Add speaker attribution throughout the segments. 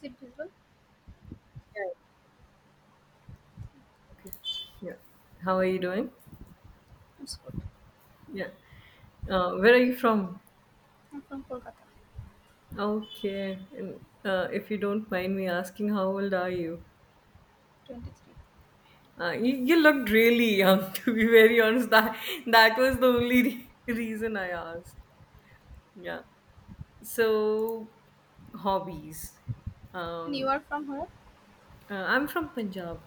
Speaker 1: Zibdul
Speaker 2: Yeah. Okay. Yeah. How are you doing?
Speaker 1: it's good.
Speaker 2: Yeah. Where are you from?
Speaker 1: I'm from Kolkata,
Speaker 2: Okay. And if you don't mind me asking, how old are you?
Speaker 1: 23.
Speaker 2: You looked really young, to be very honest. That was the only reason I asked. Yeah. So, hobbies.
Speaker 1: And you
Speaker 2: Um,
Speaker 1: are from where?
Speaker 2: I'm from Punjab.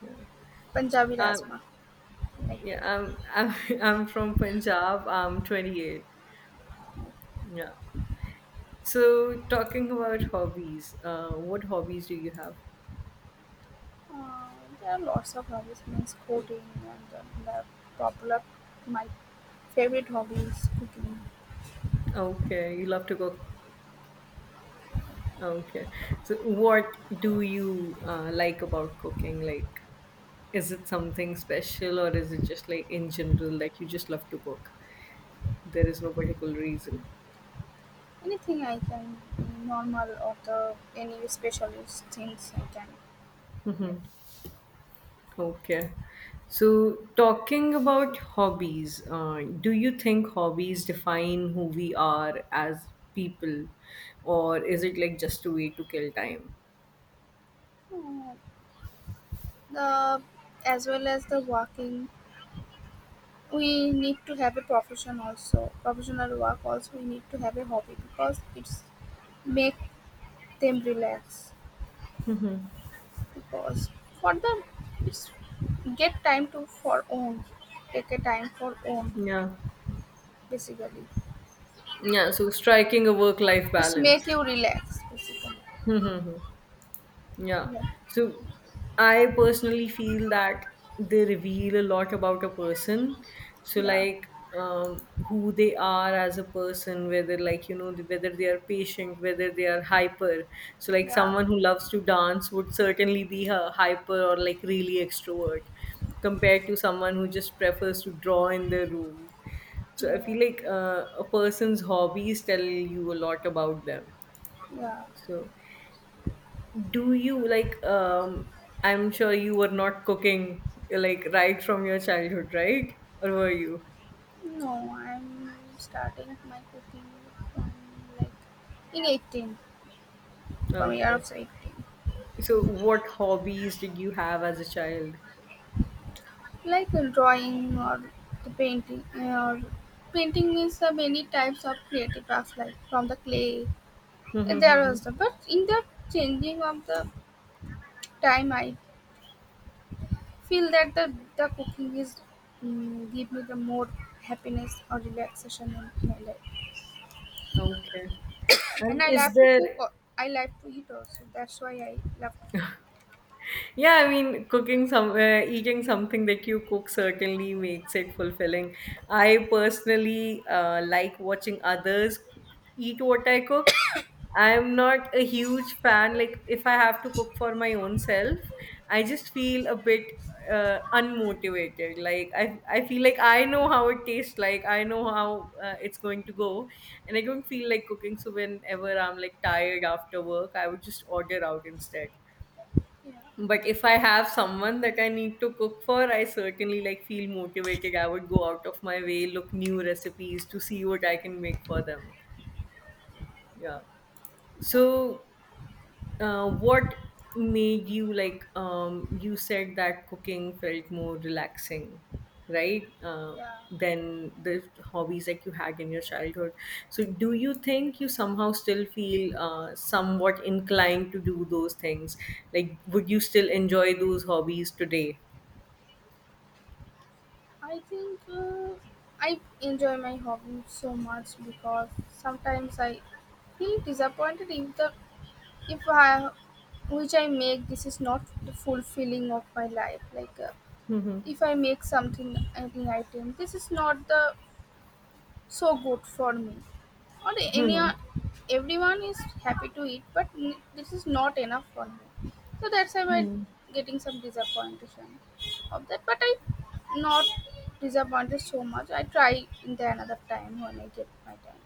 Speaker 2: Yeah.
Speaker 1: Punjabi
Speaker 2: Um,
Speaker 1: Rasma. Like,
Speaker 2: yeah. I'm from Punjab. I'm 28. Yeah. So, talking about hobbies, what hobbies do you have?
Speaker 1: uh, there are lots of hobbies, means coding and the popular, my favorite hobby is cooking.
Speaker 2: Okay, you love to cook. Okay, so what do you like about cooking? Like, is it something special or is it just like in general, like you just love to cook? There is no particular reason.
Speaker 1: Anything I can, normal or the any specialist things I can make.
Speaker 2: Okay, so talking about hobbies, do you think hobbies define who we are as people, or is it like just a way to kill time?
Speaker 1: Uh, the as well as the walking, we need to have a profession also. Professional work also, we need to have a hobby because it's make them relax because for them it's get time to for own take a time for own
Speaker 2: Yeah.
Speaker 1: basically
Speaker 2: Yeah, so striking a work life
Speaker 1: it's
Speaker 2: balance.
Speaker 1: make you relax basically
Speaker 2: Yeah.
Speaker 1: yeah
Speaker 2: So I personally feel that they reveal a lot about a person. So
Speaker 1: yeah
Speaker 2: like who they are as a person, whether, like, whether they are patient, whether they are hyper. So like
Speaker 1: yeah
Speaker 2: someone who loves to dance would certainly be a hyper or like really extrovert, compared to someone who just prefers to draw in their room. So I
Speaker 1: yeah,
Speaker 2: feel like a person's hobbies tell you a lot about them.
Speaker 1: yeah.
Speaker 2: So do you like— I'm sure you were not cooking like right from your childhood, right? Or were you—
Speaker 1: No, I'm starting my cooking from like in 18 from year
Speaker 2: okay,
Speaker 1: of 18.
Speaker 2: so what hobbies did you have as a child?
Speaker 1: Like a drawing or the painting or painting is the many types of creative crafts like from the clay. There
Speaker 2: Mm-hmm.
Speaker 1: was the but in the changing of the time, I feel that the cooking is give me the more happiness or relaxation in my life,
Speaker 2: Okay.
Speaker 1: and
Speaker 2: And
Speaker 1: I
Speaker 2: is
Speaker 1: love to cook.
Speaker 2: there—
Speaker 1: I love to eat also. That's why I love to cook.
Speaker 2: yeah, I mean cooking some— eating something that you cook certainly makes it fulfilling. I personally like watching others eat what I cook. I'm not a huge fan. Like, if I have to cook for my own self, I just feel a bit unmotivated. Like, I feel like I know how it tastes, like I know how it's going to go, and I don't feel like cooking. So whenever I'm like tired after work, I would just order out instead.
Speaker 1: Yeah.
Speaker 2: But if I have someone that I need to cook for, I certainly like feel motivated. I would go out of my way, look new recipes to see what I can make for them. Yeah.
Speaker 1: Okay.
Speaker 2: So, what made you like? You said that cooking felt more relaxing, right?
Speaker 1: Yeah.
Speaker 2: Than the hobbies that you had in your childhood. So, do you think you somehow still feel somewhat inclined to do those things? Like, would you still enjoy those hobbies today?
Speaker 1: I think uh, I enjoy my hobby so much because sometimes I feel disappointed if the if I, which I make this is not the fulfilling of my life. Like,
Speaker 2: Mhm.
Speaker 1: if I make something an item, this is not the so good for me. Or any
Speaker 2: Mhm.
Speaker 1: everyone is happy to eat, but this is not enough for me. So that's why I'm
Speaker 2: Mhm.
Speaker 1: getting some disappointation of that. But I not disappointed so much. I try in the another time when I get my time.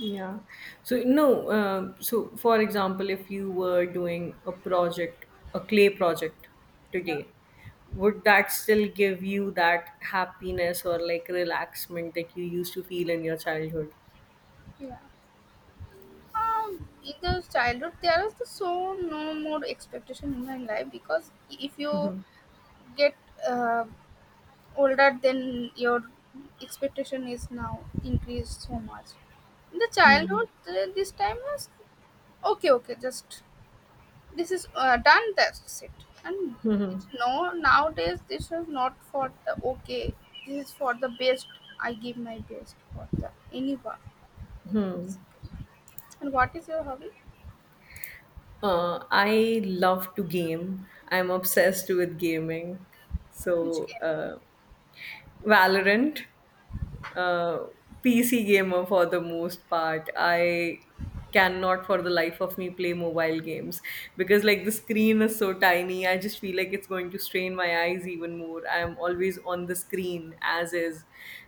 Speaker 2: Yeah. So no. So for example, if you were doing a project, a clay project
Speaker 1: Yeah.
Speaker 2: today, would that still give you that happiness or like relaxment that you used to feel in your childhood?
Speaker 1: Yeah. In the childhood, there is the so no more expectation in my life because if you get uh, older then your expectation is now increased so much. In the childhood this time was okay okay just this is done that's it and it's no nowadays this is not for the okay, this is for the best. I give my best for the anyone. And what is your hobby?
Speaker 2: I love to game. I'm obsessed with gaming.
Speaker 1: Which
Speaker 2: So
Speaker 1: game?
Speaker 2: Valorant. uh, PC gamer for the most part. I cannot for the life of me play mobile games because like the screen is so tiny. I just feel like it's going to strain my eyes even more. I'm always on the screen as is.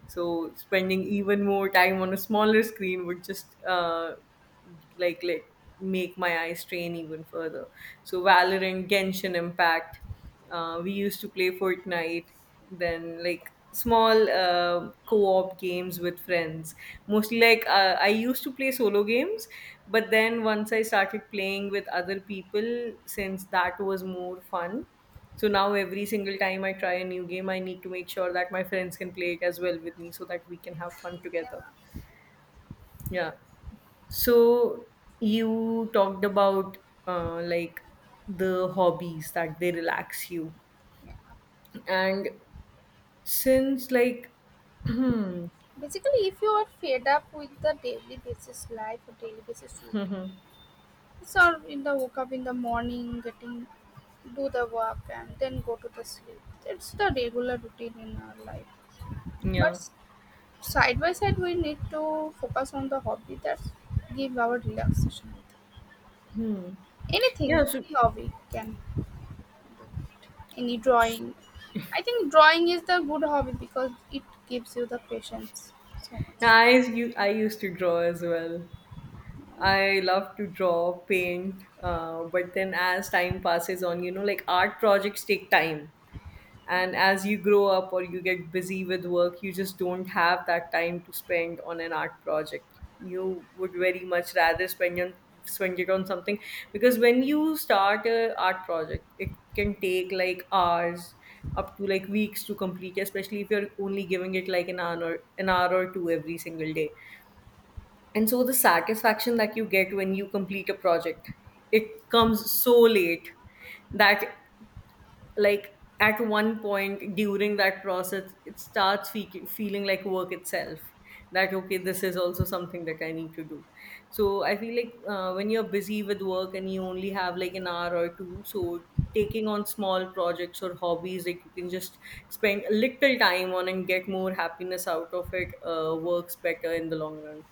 Speaker 2: So spending even more time on a smaller screen would just like make my eyes strain even further. So Valorant, Genshin Impact, we used to play Fortnite, then like small co-op games with friends. Mostly like I used to play solo games, but then once I started playing with other people, since that was more fun. So now every single time I try a new game, I need to make sure that my friends can play it as well with me so that we can have fun together. Yeah. So you talked about like the hobbies that they relax you, and since like hmm,
Speaker 1: Basically if you are fed up with the daily basis life or daily basis routine. So in the woke up in the morning, getting do the work and then go to the sleep. It's the regular routine in our life. But
Speaker 2: yeah.
Speaker 1: s- Side by side, we need to focus on the hobby that give our relaxation.
Speaker 2: Hmm, yeah.
Speaker 1: Anything
Speaker 2: So
Speaker 1: any hobby can any drawing. I think drawing is the good hobby because it gives you the patience so
Speaker 2: yeah,
Speaker 1: much.
Speaker 2: I used to draw as well. I love to draw, paint, but then as time passes on, like art projects take time. And as you grow up or you get busy with work, you just don't have that time to spend on an art project. You would very much rather spend it on something, because when you start a art project it can take like hours, up to like weeks to complete, especially if you're only giving it like an hour or two every single day. And so the satisfaction that you get when you complete a project, it comes so late, that like at one point during that process it starts feeling like work itself. That, okay, this is also something that I need to do. So I feel like when you're busy with work and you only have like an hour or two, so taking on small projects or hobbies like you can just spend a little time on and get more happiness out of it, works better in the long run.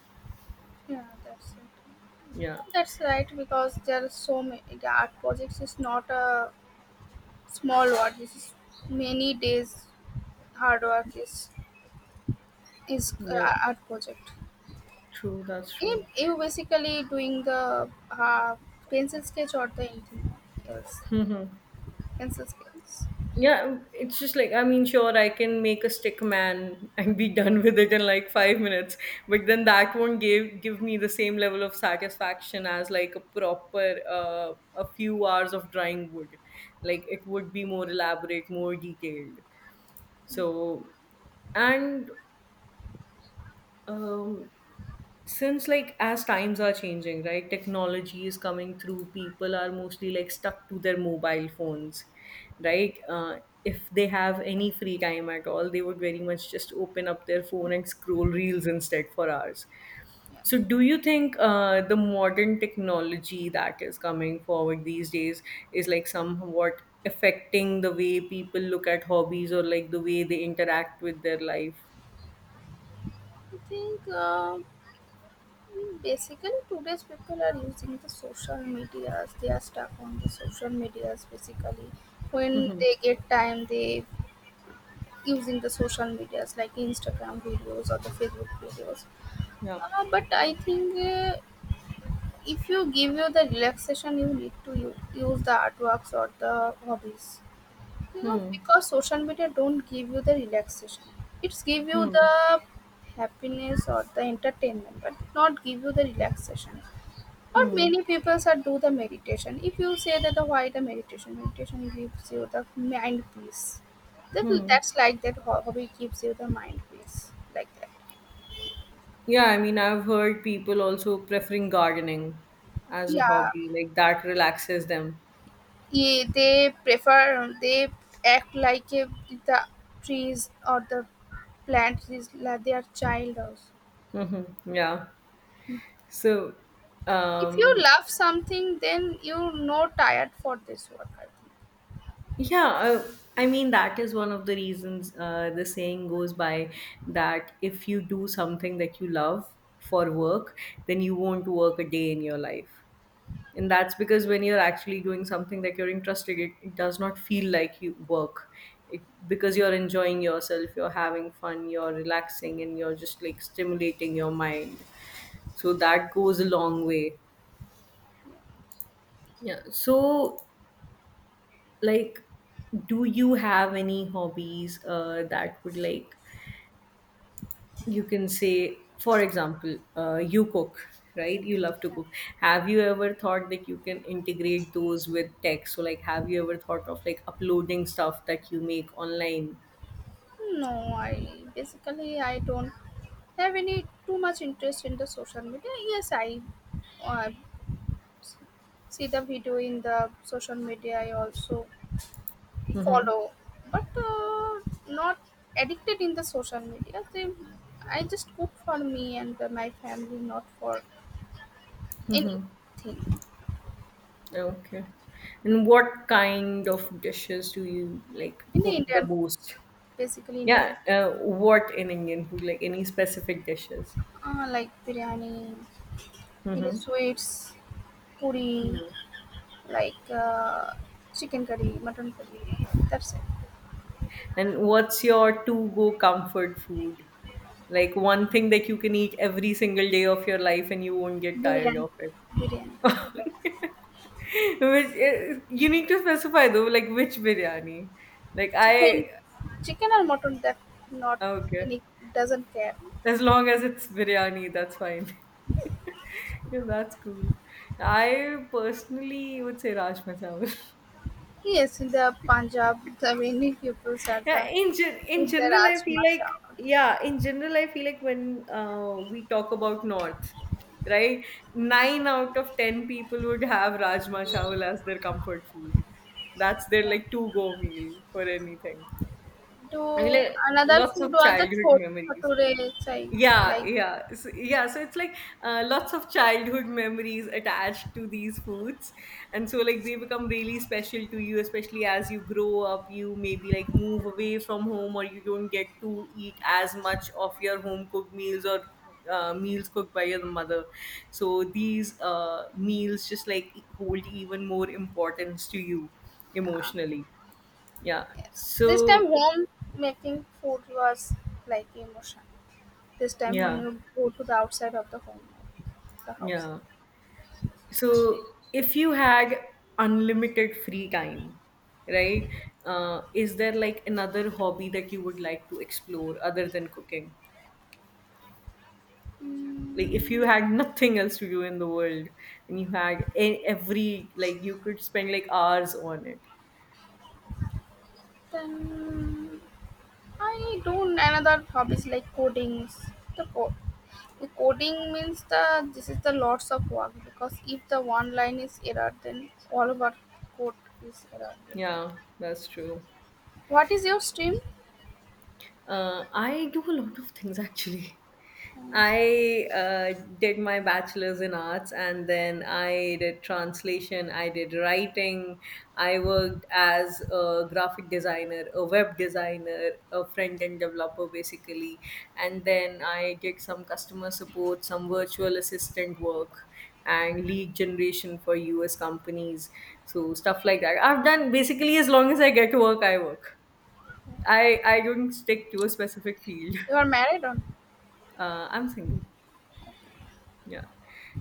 Speaker 1: Yeah, that's it.
Speaker 2: Yeah,
Speaker 1: That's right because there are so many the art projects is not a small what? This is many days hard work is
Speaker 2: yeah,
Speaker 1: art project.
Speaker 2: true, that's true.
Speaker 1: You basically doing the pencil sketch or the anything else? Pencil sketch.
Speaker 2: Yeah, it's just like, I mean, sure, I can make a stick man and be done with it in like 5 minutes, but then that won't give me the same level of satisfaction as like a proper a few hours of drawing wood. Like, it would be more elaborate, more detailed. So, and um, since like as times are changing, right, technology is coming through, people are mostly like stuck to their mobile phones, right? If they have any free time at all, they would very much just open up their phone and scroll reels instead for hours. So do you think the modern technology that is coming forward these days is like somewhat affecting the way people look at hobbies or like the way they interact with their life?
Speaker 1: I think basically today's people are using the social medias. They are stuck on the social medias basically. When they get time, they using the social medias like Instagram videos or the Facebook videos.
Speaker 2: Yeah.
Speaker 1: But I think if you give you the relaxation you need to use the artworks or the hobbies you know
Speaker 2: Hmm.
Speaker 1: because social media don't give you the relaxation, it's give you
Speaker 2: Hmm.
Speaker 1: the happiness or the entertainment but not give you the relaxation. Or
Speaker 2: Hmm.
Speaker 1: many people are do the meditation if you say that the why the meditation meditation gives you the mind peace. that,
Speaker 2: Hmm.
Speaker 1: that's like that hobby gives you the mind peace like that.
Speaker 2: Yeah, I mean, I've heard people also preferring gardening as a
Speaker 1: Yeah.
Speaker 2: hobby, like that relaxes them.
Speaker 1: Yeah, they prefer they act like the trees or the plants is like their child also.
Speaker 2: Mm-hmm. Yeah. So,
Speaker 1: If you
Speaker 2: um,
Speaker 1: love something, then you no tired for this work, I think.
Speaker 2: yeah, I mean, that is one of the reasons the saying goes by that if you do something that you love for work, then you won't work a day in your life. And that's because when you're actually doing something that you're interested in, it does not feel like you work it, because you're enjoying yourself, you're having fun, you're relaxing, and you're just like stimulating your mind, so that goes a long way. Yeah. So like, do you have any hobbies that would, like, you can say for example you cook, right, you love to cook. Have you ever thought that you can integrate those with tech? So like, have you ever thought of like uploading stuff that you make online?
Speaker 1: No, I basically I don't have any too much interest in the social media. Yes, I uh, see the video in the social media. I also follow but not addicted in the social media. They, I just cook for me and my family not for anything.
Speaker 2: Okay. And what kind of dishes do you like
Speaker 1: In the
Speaker 2: cook the
Speaker 1: Indian,
Speaker 2: most?
Speaker 1: basically Indian.
Speaker 2: Yeah, what in Indian food, like any specific dishes?
Speaker 1: Like biryani, in
Speaker 2: Mm-hmm.
Speaker 1: sweets puri, like chicken curry mutton curry, that's
Speaker 2: And what's your to go comfort food? Like, one thing that you can eat every single day of your life and you won't
Speaker 1: it.
Speaker 2: get tired
Speaker 1: Biryani.
Speaker 2: of it.
Speaker 1: Biryani
Speaker 2: Which is, you need to specify though, like which biryani. Like
Speaker 1: chicken,
Speaker 2: I
Speaker 1: chicken or mutton, that not
Speaker 2: Okay.
Speaker 1: any, doesn't care.
Speaker 2: As long as it's biryani, that's fine. Yeah, that's cool. I personally would say Rajma Chawal.
Speaker 1: Yes, in the Punjab, the many people at
Speaker 2: Yeah,
Speaker 1: the
Speaker 2: in
Speaker 1: eat the
Speaker 2: general, I feel like—
Speaker 1: rajmacha.
Speaker 2: yeah, in general, I feel like when we talk about North, right? Nine out of ten people would have rajma chawal as their comfort food. That's their
Speaker 1: Yeah.
Speaker 2: like two go meal for anything. I mean,
Speaker 1: To
Speaker 2: like,
Speaker 1: another
Speaker 2: lots
Speaker 1: food
Speaker 2: of
Speaker 1: was the
Speaker 2: childhood
Speaker 1: chhot
Speaker 2: memories.
Speaker 1: bhature, which I
Speaker 2: Yeah,
Speaker 1: like.
Speaker 2: yeah. So, yeah, so it's like lots of childhood memories attached to these foods, and so like they become really special to you, especially as you grow up, you maybe like move away from home or you don't get to eat as much of your home cooked meals, or meals cooked by your mother. So these meals just like hold even more importance to you,
Speaker 1: Uh,
Speaker 2: emotionally. Yeah.
Speaker 1: yes. This time
Speaker 2: So
Speaker 1: home making food was like emotion. This time when
Speaker 2: yeah,
Speaker 1: you go to the outside of the home, the house.
Speaker 2: yeah. So, if you had unlimited free time, right? Is there like another hobby that you would like to explore other than cooking? Like, if you
Speaker 1: Mm,
Speaker 2: had nothing else to do in the world and you had every, like, you could spend like hours on it.
Speaker 1: then I do another hobbies like codings. The co- The coding means the this is the lots of work because if the one line is error, then all of our code is error, getting.
Speaker 2: Yeah, that's true.
Speaker 1: What is your stream?
Speaker 2: I do a lot of things actually. I did my bachelor's in arts and then I did translation, I did writing, I worked as a graphic designer, a web designer, a front end developer basically, and then I did some customer support, some virtual assistant work, and lead generation for US companies. So, stuff like that. I've done basically as long as I get to work, I work. I don't stick to a specific field.
Speaker 1: You are married on?
Speaker 2: I'm single. Yeah.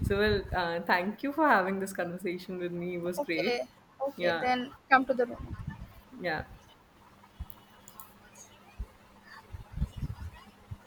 Speaker 2: So, well, thank you for having this conversation with me. It was great.
Speaker 1: Okay, okay.
Speaker 2: Yeah.
Speaker 1: Then come to the room.
Speaker 2: Yeah.